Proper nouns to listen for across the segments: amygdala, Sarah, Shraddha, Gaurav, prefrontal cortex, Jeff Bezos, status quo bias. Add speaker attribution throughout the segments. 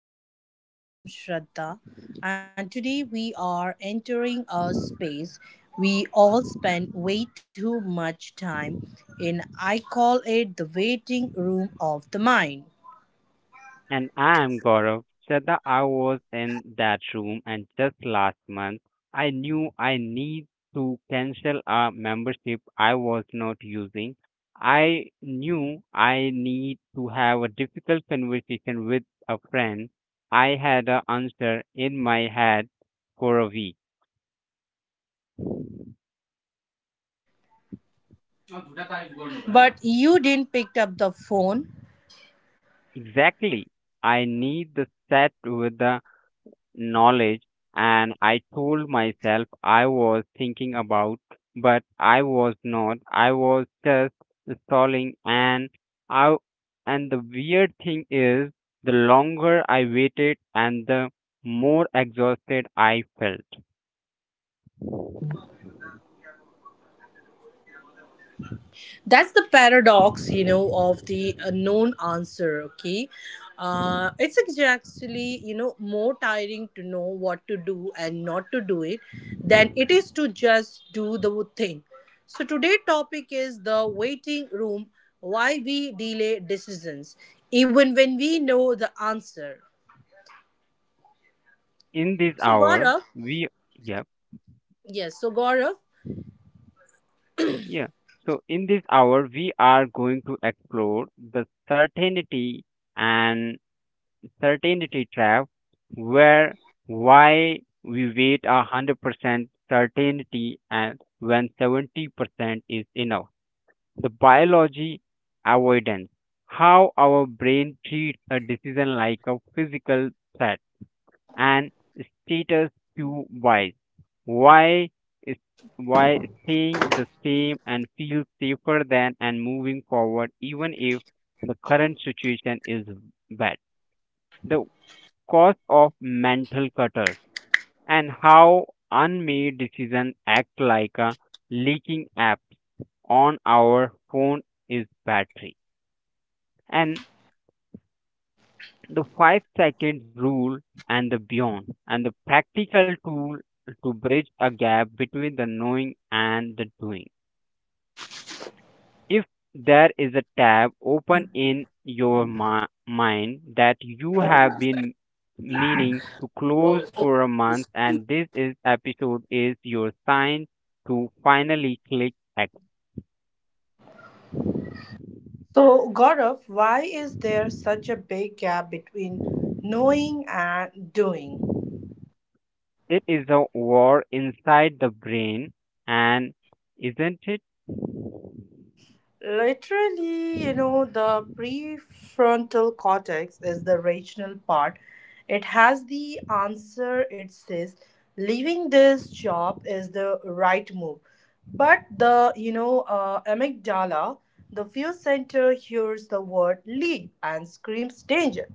Speaker 1: welcome back. I am Shraddha, and today we are entering a space we all spend way too much time in. I call it the waiting room of the mind.
Speaker 2: And I'm Gaurav. Shraddha, I was in that room and just last month I knew I need to cancel a membership I was not using. I knew I need to have a difficult conversation with a friend. I had an answer in my head for a week.
Speaker 1: But you didn't pick up the phone.
Speaker 2: Exactly. I need the set with the knowledge and I told myself I was thinking about, but I was not. I was just stalling I and the weird thing is the longer I waited and the more exhausted I felt.
Speaker 1: That's the paradox, of the known answer. Okay, it's actually, you know, more tiring to know what to do and not to do it than it is to just do the thing. So today's topic is the waiting room: why we delay decisions even when we know the answer.
Speaker 2: In this
Speaker 1: So
Speaker 2: hour
Speaker 1: Gaurav.
Speaker 2: we yep,
Speaker 1: Yes, so gaurav
Speaker 2: yeah. So in this hour we are going to explore the certainty and certainty trap where why we wait 100% certainty and when 70% is enough. The biology avoidance, how our brain treats a decision like a physical threat and status quo wise. Why is why staying the same and feel safer than and moving forward even if the current situation is bad. The cause of mental clutter and how unmade decisions act like a leaking app on our phone is battery and the 5-second rule and the beyond and the practical tool to bridge a gap between the knowing and the doing. If there is a tab open in your mind that you have been meaning to close for a month and this is episode is your sign to finally click exit.
Speaker 1: so Gaurav, why is there such a big gap between knowing and doing?
Speaker 2: It is a war inside the brain and isn't it.
Speaker 1: Literally, you know, the prefrontal cortex is the rational part. It has the answer. It says, leaving this job is the right move. But the, you know, amygdala, the fear center, hears the word leave and screams danger.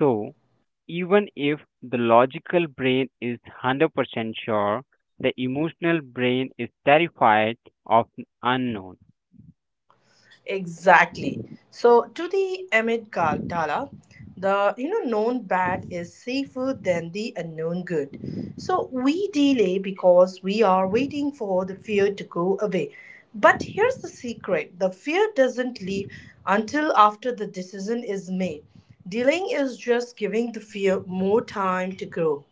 Speaker 2: So even if the logical brain is 100% sure, the emotional brain is terrified of unknown,
Speaker 1: Exactly. So to the Ahmed Kal Dala, the, you know, known bad is safer than the unknown good. So we delay because we are waiting for the fear to go away. But here's the secret: the fear doesn't leave until after the decision is made. Delaying is just giving the fear more time to grow.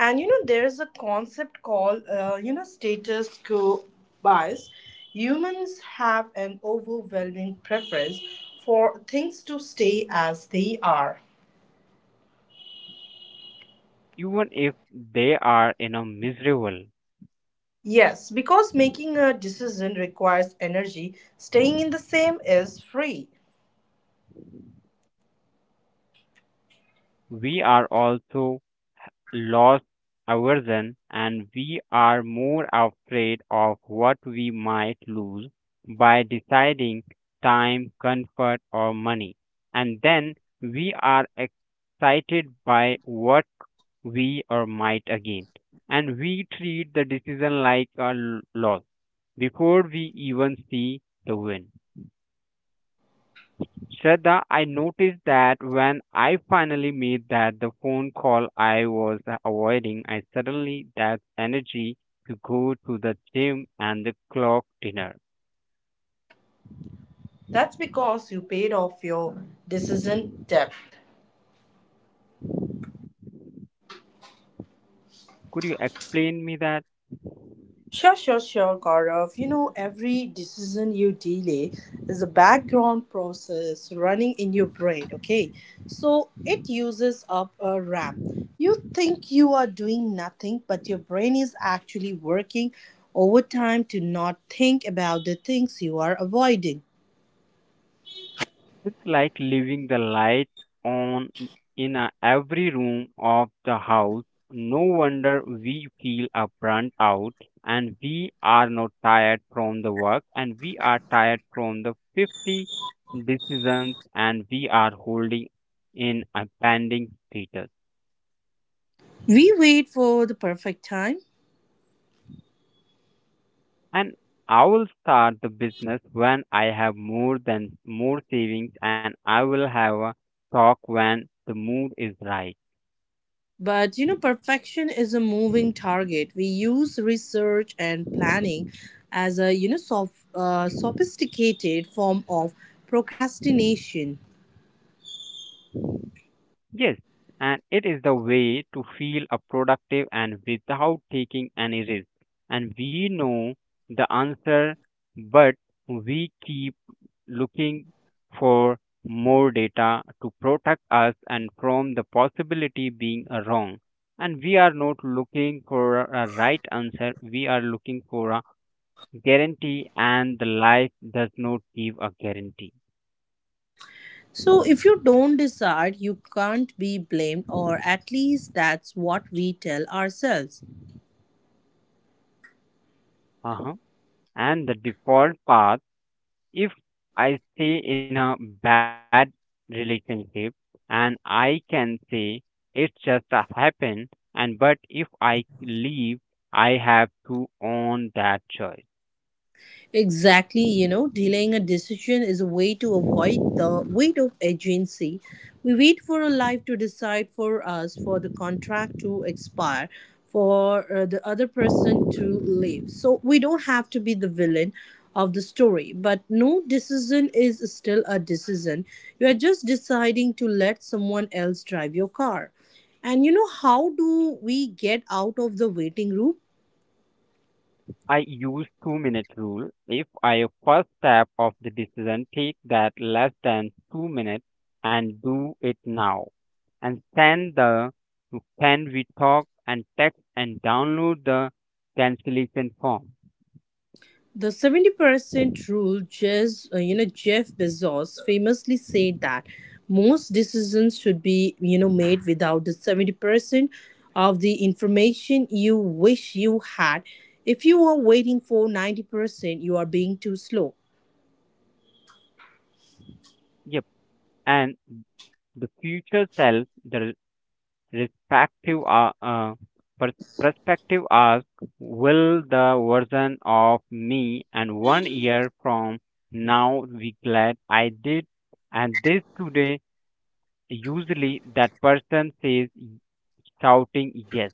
Speaker 1: And you know, there's a concept called, you know, status quo bias. Humans have an overwhelming preference for things to stay as they are.
Speaker 2: even if they are you know miserable.
Speaker 1: Yes, because making a decision requires energy; staying in the same is free.
Speaker 2: We are also lost aversion and we are more afraid of what we might lose by deciding time comfort or money, and then we are excited by what we or might again, and we treat the decision like a loss before we even see the win. Shraddha, I noticed that when I finally made that the phone call I was avoiding, I suddenly that energy to go to the gym and the clock dinner.
Speaker 1: That's because you paid off your decision debt.
Speaker 2: Could you explain me that?
Speaker 1: Sure, sure, sure, Gaurav. You know, every decision you delay is a background process running in your brain, okay? So it uses up a RAM. You think you are doing nothing, but your brain is actually working overtime to not think about the things you are avoiding.
Speaker 2: It's like leaving the light on in a, every room of the house. No wonder we feel a burnt out, and we are not tired from the work and we are tired from the 50 decisions, and we are holding in a pending status.
Speaker 1: We wait for the perfect time.
Speaker 2: And I will start the business when I have more than more savings, and I will have a talk when the mood is right.
Speaker 1: But you know, perfection is a moving target. We use research and planning as a, you know, sophisticated form of procrastination.
Speaker 2: Yes, and it is the way to feel a productive and without taking any risk. And we know the answer, but we keep looking for more data to protect us and from the possibility being wrong. And we are not looking for a right answer, we are looking for a guarantee, and the life does not give a guarantee.
Speaker 1: So if you don't decide, you can't be blamed, or at least that's what we tell ourselves.
Speaker 2: Uh-huh. And the default path. If I stay in a bad relationship and I can say it just happened and but if I leave, I have to own that choice.
Speaker 1: Exactly, you know, delaying a decision is a way to avoid the weight of agency. We wait for a life to decide for us, for the contract to expire, for the other person to leave. So we don't have to be the villain of the story, but no decision is still a decision. You are just deciding to let someone else drive your car. And you know, how do we get out of the waiting room?
Speaker 2: I use 2 minute rule. If I first step of the decision take that less than 2 minutes and do it now. And send the can we talk and text and download the cancellation form.
Speaker 1: The 70% rule, Jez, you know, Jeff Bezos famously said that most decisions should be, you know, made without the 70% of the information you wish you had. If you are waiting for 90%, you are being too slow.
Speaker 2: Yep. And the future self, the respective perspective asks, will the version of me and 1 year from now be glad I did and this today? Usually, that person says, shouting yes.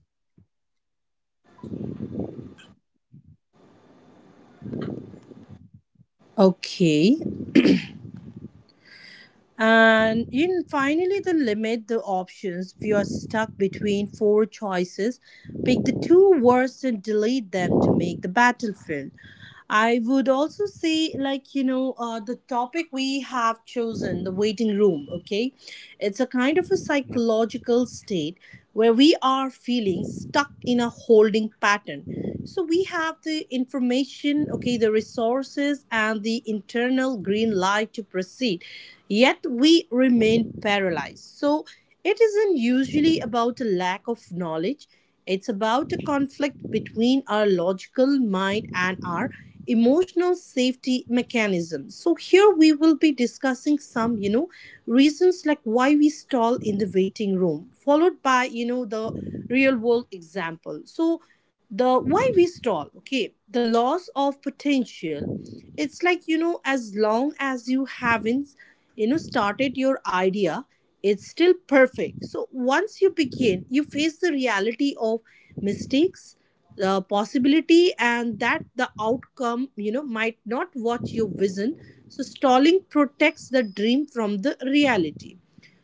Speaker 1: Okay. And in finally, the limit the options. If you are stuck between four choices, pick the two worst and delete them to make the battlefield. I would also say, like, you know, the topic we have chosen, the waiting room, okay? It's a kind of a
Speaker 2: Yep.
Speaker 1: psychological state where we are feeling stuck in a holding pattern. So we have the information, okay, the resources, and the internal green light to proceed, yet we remain paralyzed. So it isn't usually about a lack of knowledge, it's about a conflict between our logical mind and our emotional safety mechanism. So here we will be discussing some, you know, reasons like why we stall in the waiting room, followed by, you know, the real world example. So the why we stall, okay, the loss of potential. It's like, you know, as long as you haven't, you know, started your idea, it's still perfect. So once you begin you face the reality of mistakes, the possibility, and that the outcome, you know, might not what you vision. So stalling protects the dream from the reality.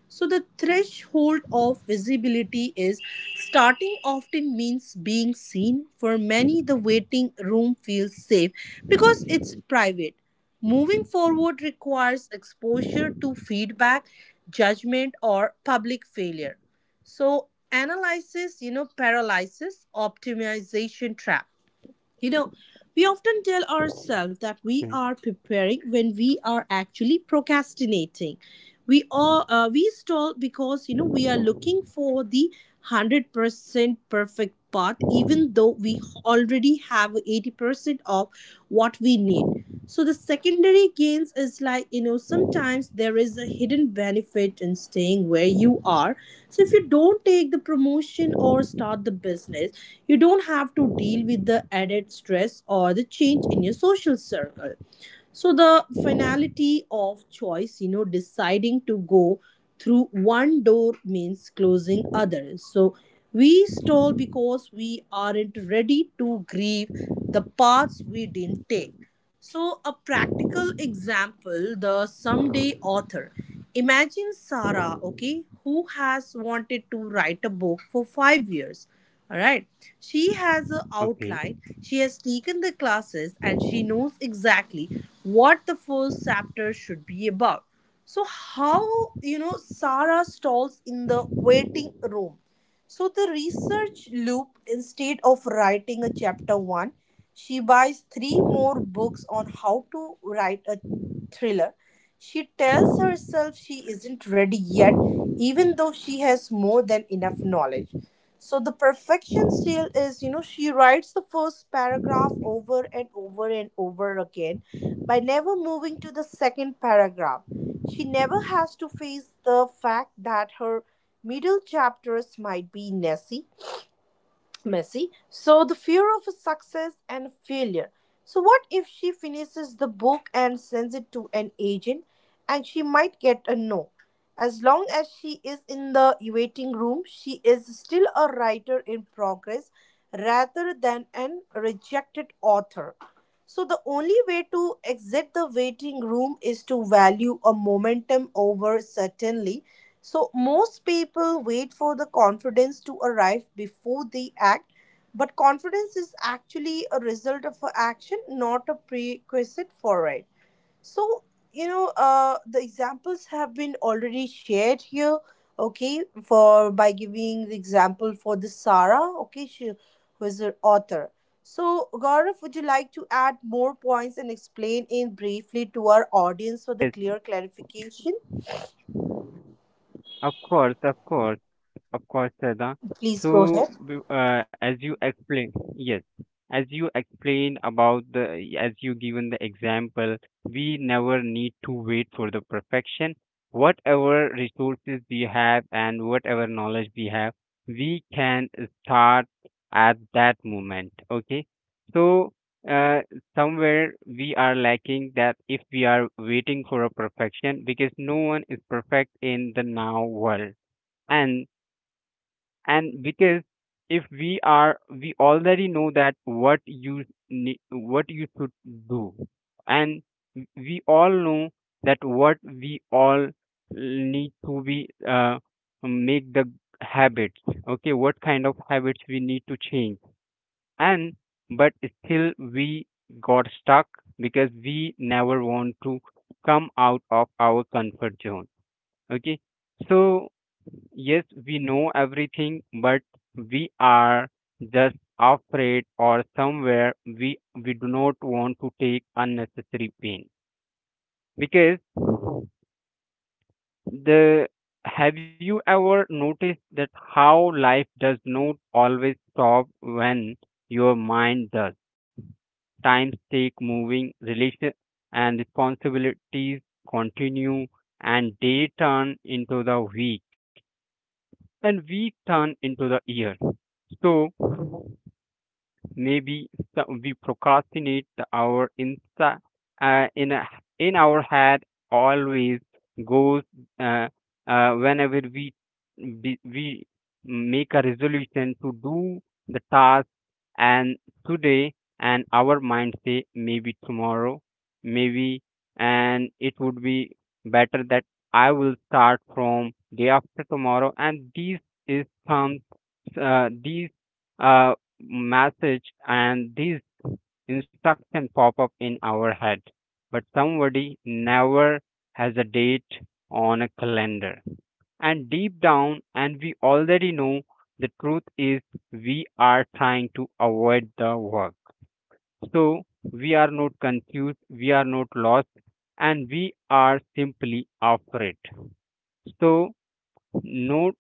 Speaker 1: So the threshold of visibility is starting often means being seen. For many, the waiting room feels safe because it's private. Moving forward requires exposure to feedback, judgment, or public failure. So analysis, you know, paralysis, optimization trap. You know, we often tell ourselves that we are preparing when we are actually procrastinating. We stall because, you know, we are looking for the 100% perfect part, even though we already have 80% of what we need. So the secondary gains is, like, you know, sometimes there is a hidden benefit in staying where you are. So if you don't take the promotion or start the business, you don't have to deal with the added stress or the change in your social circle. So the finality of choice, you know, deciding to go through one door means closing others. So we stall because we aren't ready to grieve the paths we didn't take. So, a practical example: the someday author. Imagine Sarah, okay, who has wanted to write a book for 5 years. All right. She has an
Speaker 2: Okay.
Speaker 1: outline, she has taken the classes, and she knows exactly what the first chapter should be about. So, how, you know, Sarah stalls in the waiting room. So the research loop: instead of writing a chapter one, she buys three more books on how to write a thriller. She tells herself she isn't ready yet, even though she has more than enough knowledge. So the perfection seal is, you know, she writes the first paragraph over and over and over again by never moving to the second paragraph. She never has to face the fact that her middle chapters might be messy. Messi. So the fear of success and failure. So what if she finishes the book and sends it to an agent and she might get a no. As long as she is in the waiting room, she is still a writer in progress rather than an rejected author. So the only way to exit the waiting room is to value a momentum over certainly. So most people wait for the confidence to arrive before they act, but confidence is actually a result of a action, not a prerequisite for it. So you know, the examples have been already shared here. Okay, for by giving the example for the Sarah. Okay, she was an author. So Gaurav, would you like to add more points and explain in briefly to our audience for the
Speaker 2: Yes,
Speaker 1: clear clarification?
Speaker 2: of course, of course. Of course, Saida.
Speaker 1: Please go ahead.
Speaker 2: So, as you explain, yes, as you explain about the, as you given the example, we never need to wait for the perfection. Whatever resources we have and whatever knowledge we have, we can start at that moment. Okay. So, uh, somewhere we are lacking that if we are waiting for a perfection, because no one is perfect in the now world. And and because if we are we already know that what you need what you should do, and we all know that what we all need to be make the habits, okay, what kind of habits we need to change, and but still we got stuck because we never want to come out of our comfort zone. Okay, so yes, we know everything, but we are just afraid or somewhere we do not want to take unnecessary pain. Because the, have you ever noticed that how life does not always stop when your mind does? Times take moving, relation and responsibilities continue, and day turn into the week and week turn into the year. So maybe we procrastinate our insa uh, in a, in our head always goes uh, whenever we make a resolution to do the task and today, and our mind say maybe tomorrow, maybe, and it would be better that I will start from day after tomorrow, and this is some these uh, message and these instruction pop up in our head, but somebody never has a date on a calendar. And deep down, and we already know the truth is we are trying to avoid the work. So we are not confused, we are not lost, and we are simply afraid. So no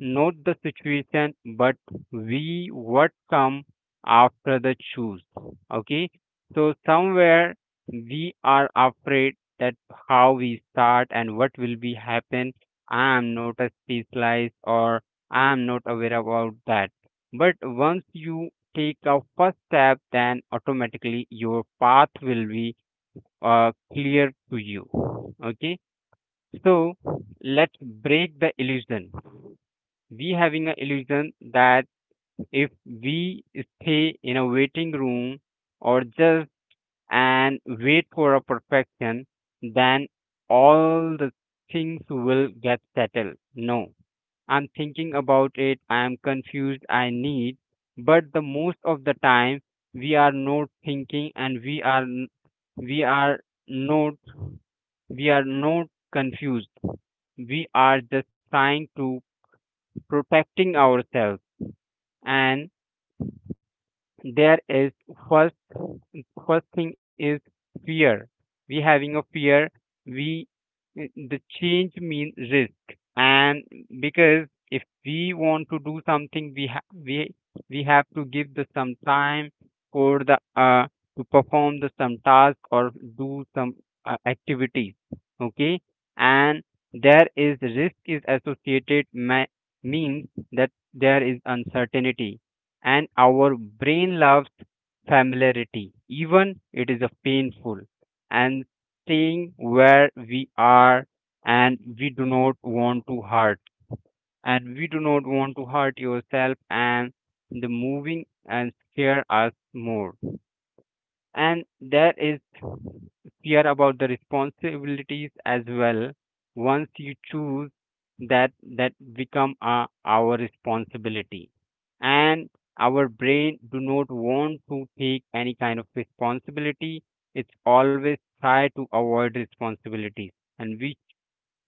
Speaker 2: note the situation but we what come after the choose. Okay, so somewhere we are afraid that how we start and what will be happen. I am not a specialist or I am not aware about that, but once you take a first step, then automatically your path will be clear to you. Okay, so let's break the illusion. We having an illusion that if we stay in a waiting room or just and wait for a perfection, then all the things will get settled. No, I'm thinking about it, I'm confused, I need. But the most of the time we are not thinking and we are n- we are not we are not confused, we are just trying to protecting ourselves. And there is first first thing is fear. We having a fear. We the change mean risk, and because if we want to do something we ha- we have to give the some time for the to perform the some task or do some activities. Okay, and there is risk is associated means that there is uncertainty, and our brain loves familiarity, even it is a painful, and staying where we are, and we do not want to hurt, and we do not want to hurt yourself, and the moving and scare us more, and that is fear about the responsibilities as well. Once you choose that, that become our responsibility. And our brain do not want to take any kind of responsibility. It's always try to avoid responsibilities. And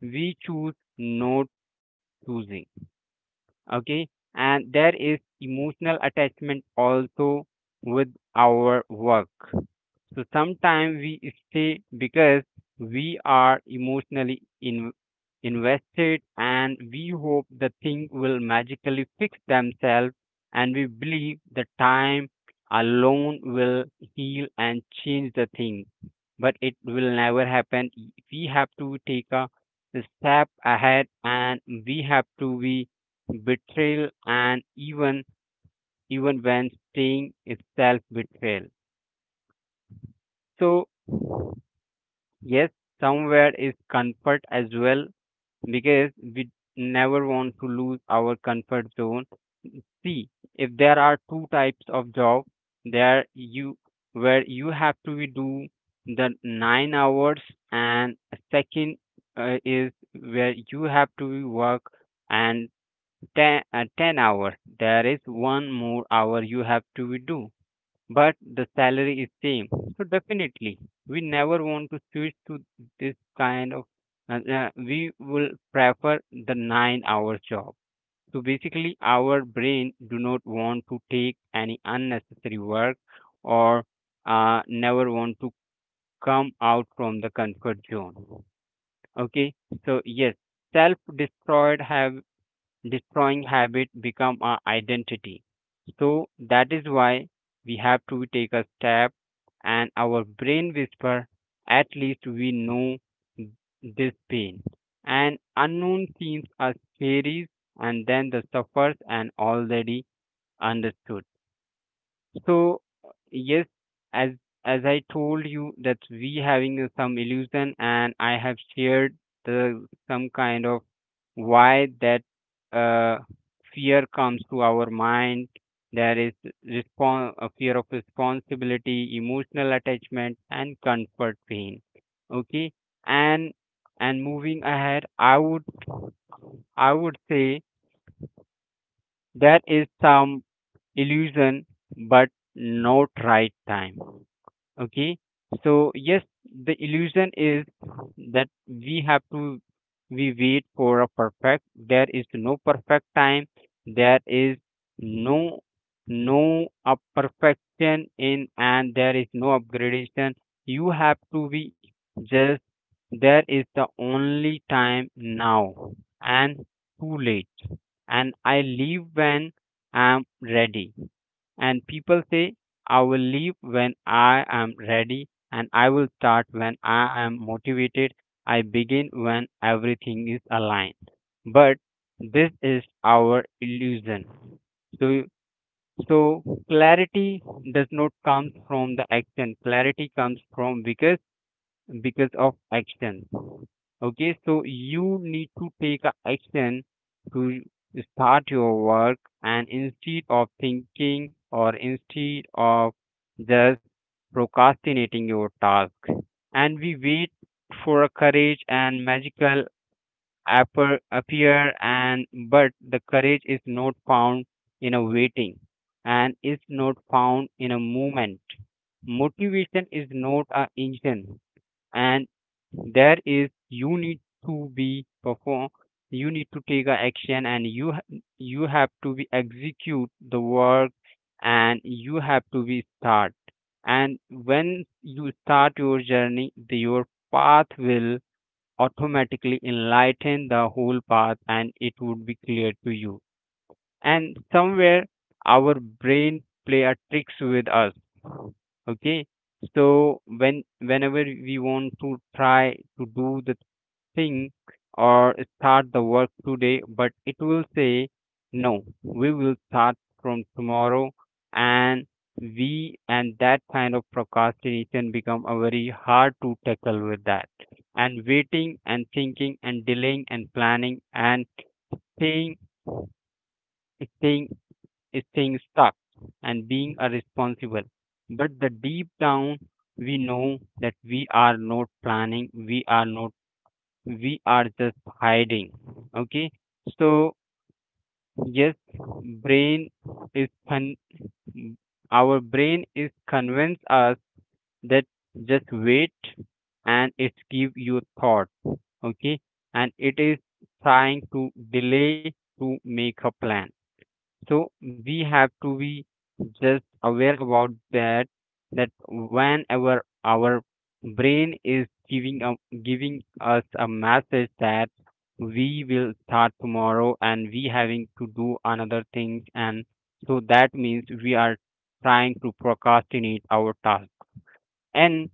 Speaker 2: we choose not choosing. Okay. And there is emotional attachment also with our work, so sometimes we stay because we are emotionally invested, and we hope the thing will magically fix themselves, and we believe the time alone will heal and change the thing. But it will never happen. E, we have to take a step ahead, and we have to be betrayal and even when staying is self betrayal. So yes, somewhere is comfort as well because we never want to lose our comfort zone. See, if there are two types of job, there you where you have to be do the 9 hours, and second is where you have to be work and 10, 10 hours. There is one more hour you have to be do, but the salary is same. So definitely, we never want to switch to this kind of. We will prefer the nine-hour job. So basically, our brain do not want to take any unnecessary work, or never want to come out from the comfort zone. Okay, so yes, self-destroyed have destroying habit become our identity. So that is why we have to take a step, and our brain whisper, at least we know this pain. And unknown seems as scary, and then the suffers and already understood. So yes, as as I told you that we having some illusion, and I have shared the some kind of why that uh, fear comes to our mind. There is a fear of responsibility, emotional attachment, and comfort pain. Okay, and and moving ahead, I would say that is some illusion, but not right time. Okay, so yes, the illusion is that we have to we wait for a perfect. There is no perfect time. There is no no a perfection in, and there is no upgradation. You have to be just. There is the only time now, and too late. And I leave when I'm ready. And people say, I will leave when I am ready and I will start when I am motivated. I begin when everything is aligned. But this is our illusion. So, so clarity does not come from the action. Clarity comes from because of action. Okay, so you need to take a action to start your work, and instead of thinking or instead of just procrastinating your task, and we wait for a courage and magical appear, appear and but the courage is not found in a waiting and is not found in a movement, motivation is not a engine, and there is you need to be perform, you need to take a action and you have to be execute the work and you have to be start. And when you start your journey your path will automatically enlighten the whole path and it would be clear to you. And somewhere our brain play a tricks with us. Okay, so when whenever we want to try to do the thing or start the work today, but it will say no, we will start from tomorrow. And we and that kind of procrastination become a very hard to tackle with that, and waiting and thinking and delaying and planning and staying staying staying stuck and being irresponsible. But the deep down, we know that we are not planning, we are not, we are just hiding. Okay, so yes, brain is con- our brain is convince us that just wait, and it give you thought. Okay, and it is trying to delay to make a plan. So we have to be just aware about that, that whenever our brain is giving us a message that we will start tomorrow and we having to do another things, and so that means we are trying to procrastinate our task. And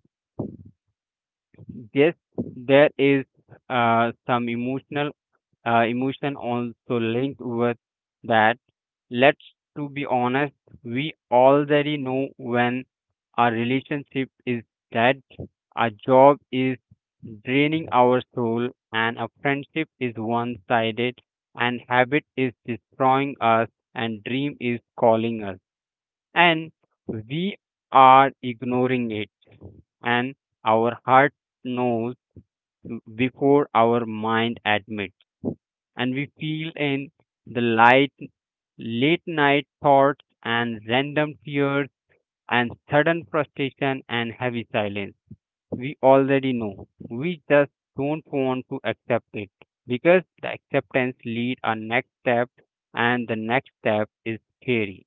Speaker 2: yes, there is some emotional emotion also linked with that. Let's to be honest, we already know when our relationship is dead, a job is draining our soul, and a friendship is one sided, and habit is destroying us, and dream is calling us, and we are ignoring it, and our heart knows before our mind admits, and we feel in the light, late night thoughts and random tears and sudden frustration and heavy silence. We already know. We just don't want to accept it because the acceptance lead our next step, and the next step is scary.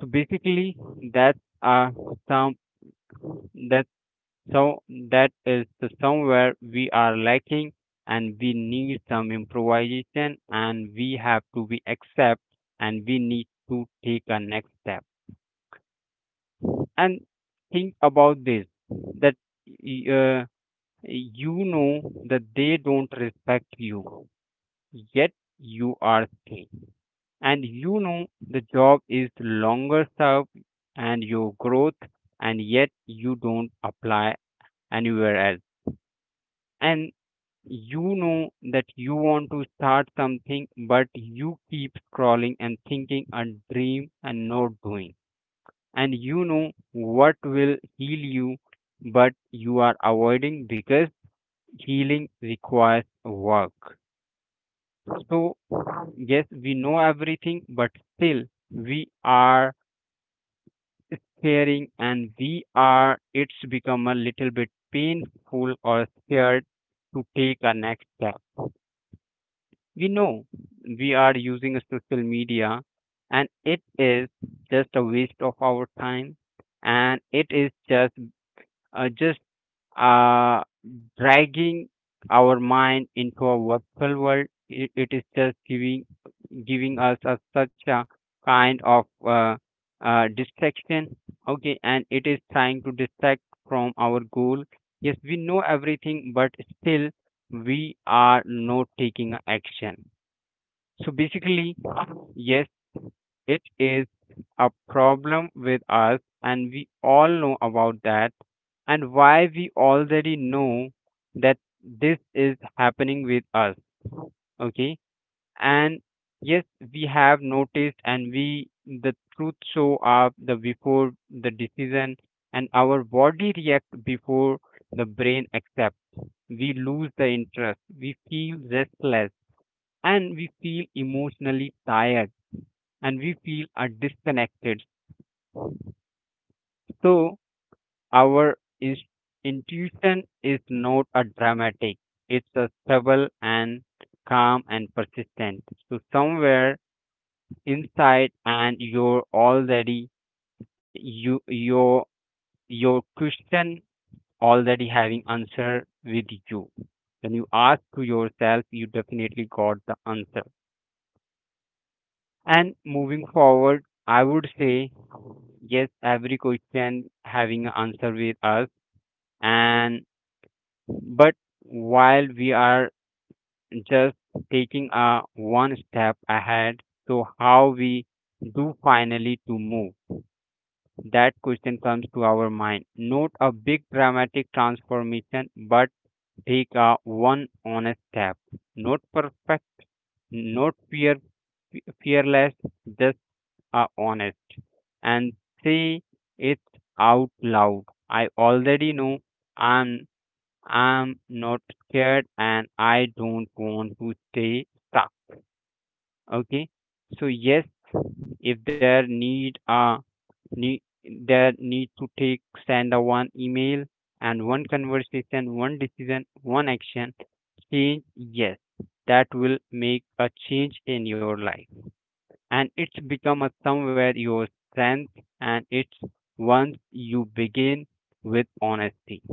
Speaker 2: So basically that's uh some that's So that is the somewhere we are lacking, and we need some improvisation, and we have to be accept, and we need to take a next step. And think about this that uh, you know that they don't respect you, yet you are staying. And you know the job is longer served and your growth, and yet you don't apply anywhere else. And you know that you want to start something, but you keep scrolling and thinking a dream and not doing. And you know what will heal you, but you are avoiding because healing requires work. So, yes, we know everything, but still we are scaring, it's become a little bit painful or scared to take a next step. We know we are using social media and it is just a waste of our time, and it is just uh, just uh, dragging our mind into a virtual world. It is just giving us a, such a kind of distraction. Okay, and it is trying to distract from our goal. Yes, we know everything, but still we are not taking a action. So basically, yes, it is a problem with us, and we all know about that, and why we already know that this is happening with us. Okay, and yes, we have noticed, and we the truth show up the before the decision, and our body react before the brain accept. We lose the interest. We feel restless, and we feel emotionally tired, and we feel are disconnected. So our is- intuition is not a dramatic; it's a stable and calm and persistent. So somewhere inside, and you're already you your your question already having answer with you. When you ask to yourself, you definitely got the answer. And moving forward, I would say yes, every question having an answer with us. And but while we are just taking a one step ahead, so how we do finally to move that question comes to our mind, not a big dramatic transformation but take a one honest step, not perfect, not fear fearless, just a honest. And say it out loud, I already know, i'm I'm not scared and I don't want to stay stuck. Okay. So yes, if there need to take, send a one email and one conversation, one decision, one action, change, yes, that will make a change in your life. And it's become a somewhere your strength, and it's once you begin with honesty.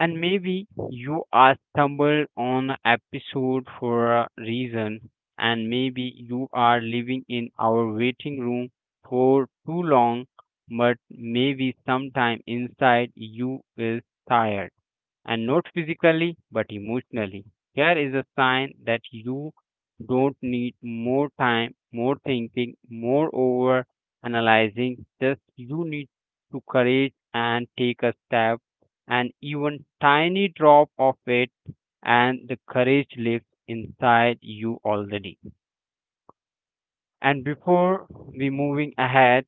Speaker 2: And maybe you are stumbled on an episode for a reason, and maybe you are living in our waiting room for too long, but maybe sometime inside you is tired, and not physically but emotionally. Here is a sign that you don't need more time, more thinking, more over analyzing, just you need to courage and take a step, and even tiny drop of it, and the courage lives inside you already. And before we moving ahead,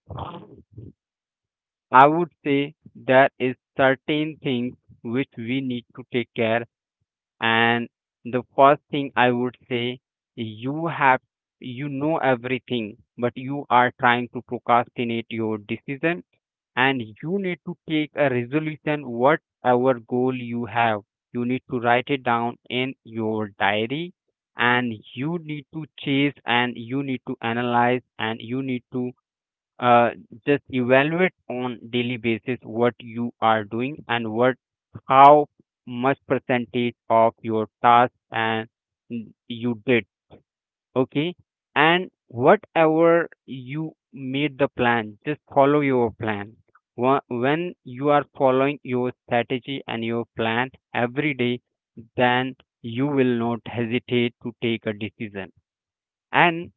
Speaker 2: I would say there is certain things which we need to take care. And the first thing I would say, you have, you know everything but you are trying to procrastinate your decision, and you need to take a resolution, whatever goal you have, you need to write it down in your diary, and you need to chase and you need to analyze and you need to uh, just evaluate on daily basis what you are doing, and what, how much percentage of your task and you did. Okay. And whatever you made the plan, just follow your plan. When you are following your strategy and your plan every day, then you will not hesitate to take a decision. and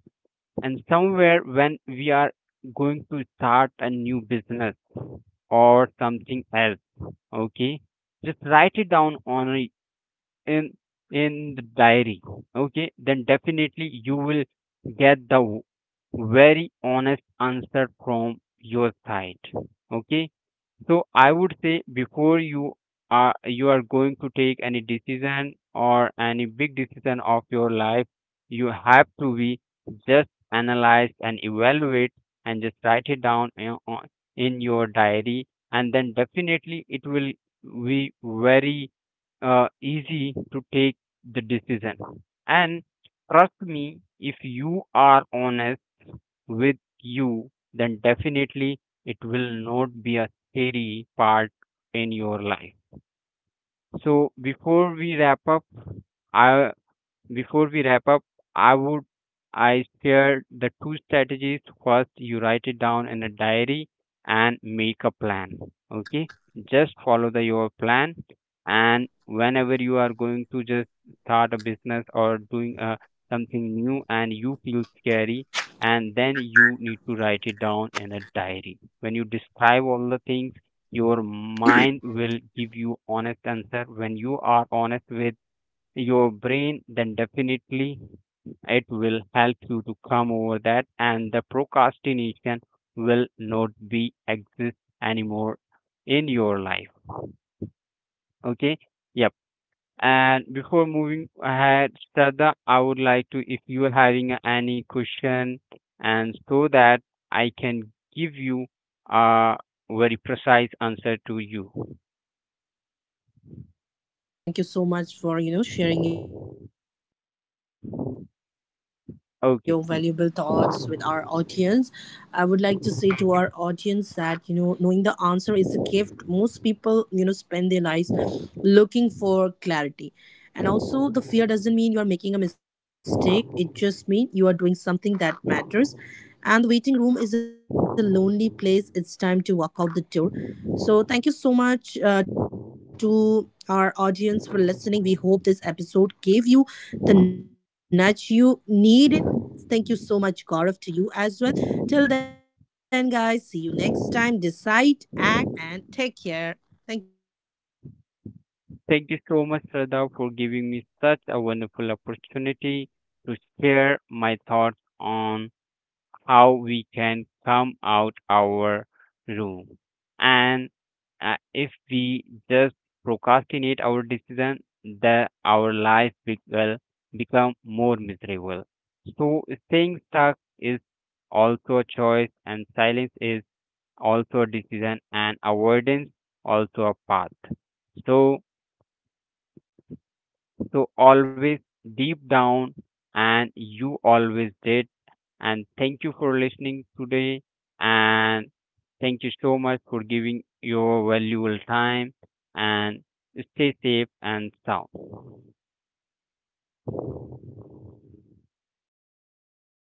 Speaker 2: and somewhere when we are going to start a new business or something else, okay, just write it down on a, in in the diary, okay. Then definitely you will get the w- very honest answer from your side, okay. So I would say before you are going to take any decision or any big decision of your life, you have to be just analyze and evaluate and just write it down in your diary, and then definitely it will be very easy to take the decision. And trust me, if you are honest with you, then definitely it will not be a scary part in your life. So before we wrap up, I before we wrap up, I would I share the two strategies. First, you write it down in a diary and make a plan. Okay, just follow the your plan. And whenever you are going to just start a business or doing something new and you feel scary, and then you need to write it down in a diary. When you describe all the things, your mind will give you honest answer. When you are honest with your brain, then definitely it will help you to come over that, and the procrastination will not be exist anymore in your life. Okay. Yep. And before moving ahead, Shraddha, I would like to, if you are having any question, and so that I can give you a very precise answer to you.
Speaker 1: No, no, Gaurav. Thank you so much for, you know, sharing your valuable thoughts with our audience. I
Speaker 2: Okay.
Speaker 1: would like to say to our audience that, you know, knowing the answer is a gift. Most people, you know, spend their lives looking for clarity, and also the fear doesn't mean you are making a mistake. It just means you are doing something that matters. And the waiting room is a lonely place. It's time to walk out the door. So, thank you so much to our audience for listening. We hope this episode gave you the nudge you needed. Thank you so much, Gaurav, to you as well. Till then, guys, see you next time. Decide, act, and take care. Thank you.
Speaker 2: Thank you so much, Shraddha, for giving me such a wonderful opportunity to share my thoughts on how we can come out our room. And if we just procrastinate our decision, the our will become more miserable. So staying stuck is also a choice, and silence is also a decision, and avoidance also a path. So so always deep down, and you always did. And thank you for listening today. And thank you so much for giving your valuable time. And stay safe and sound.
Speaker 1: Thank you.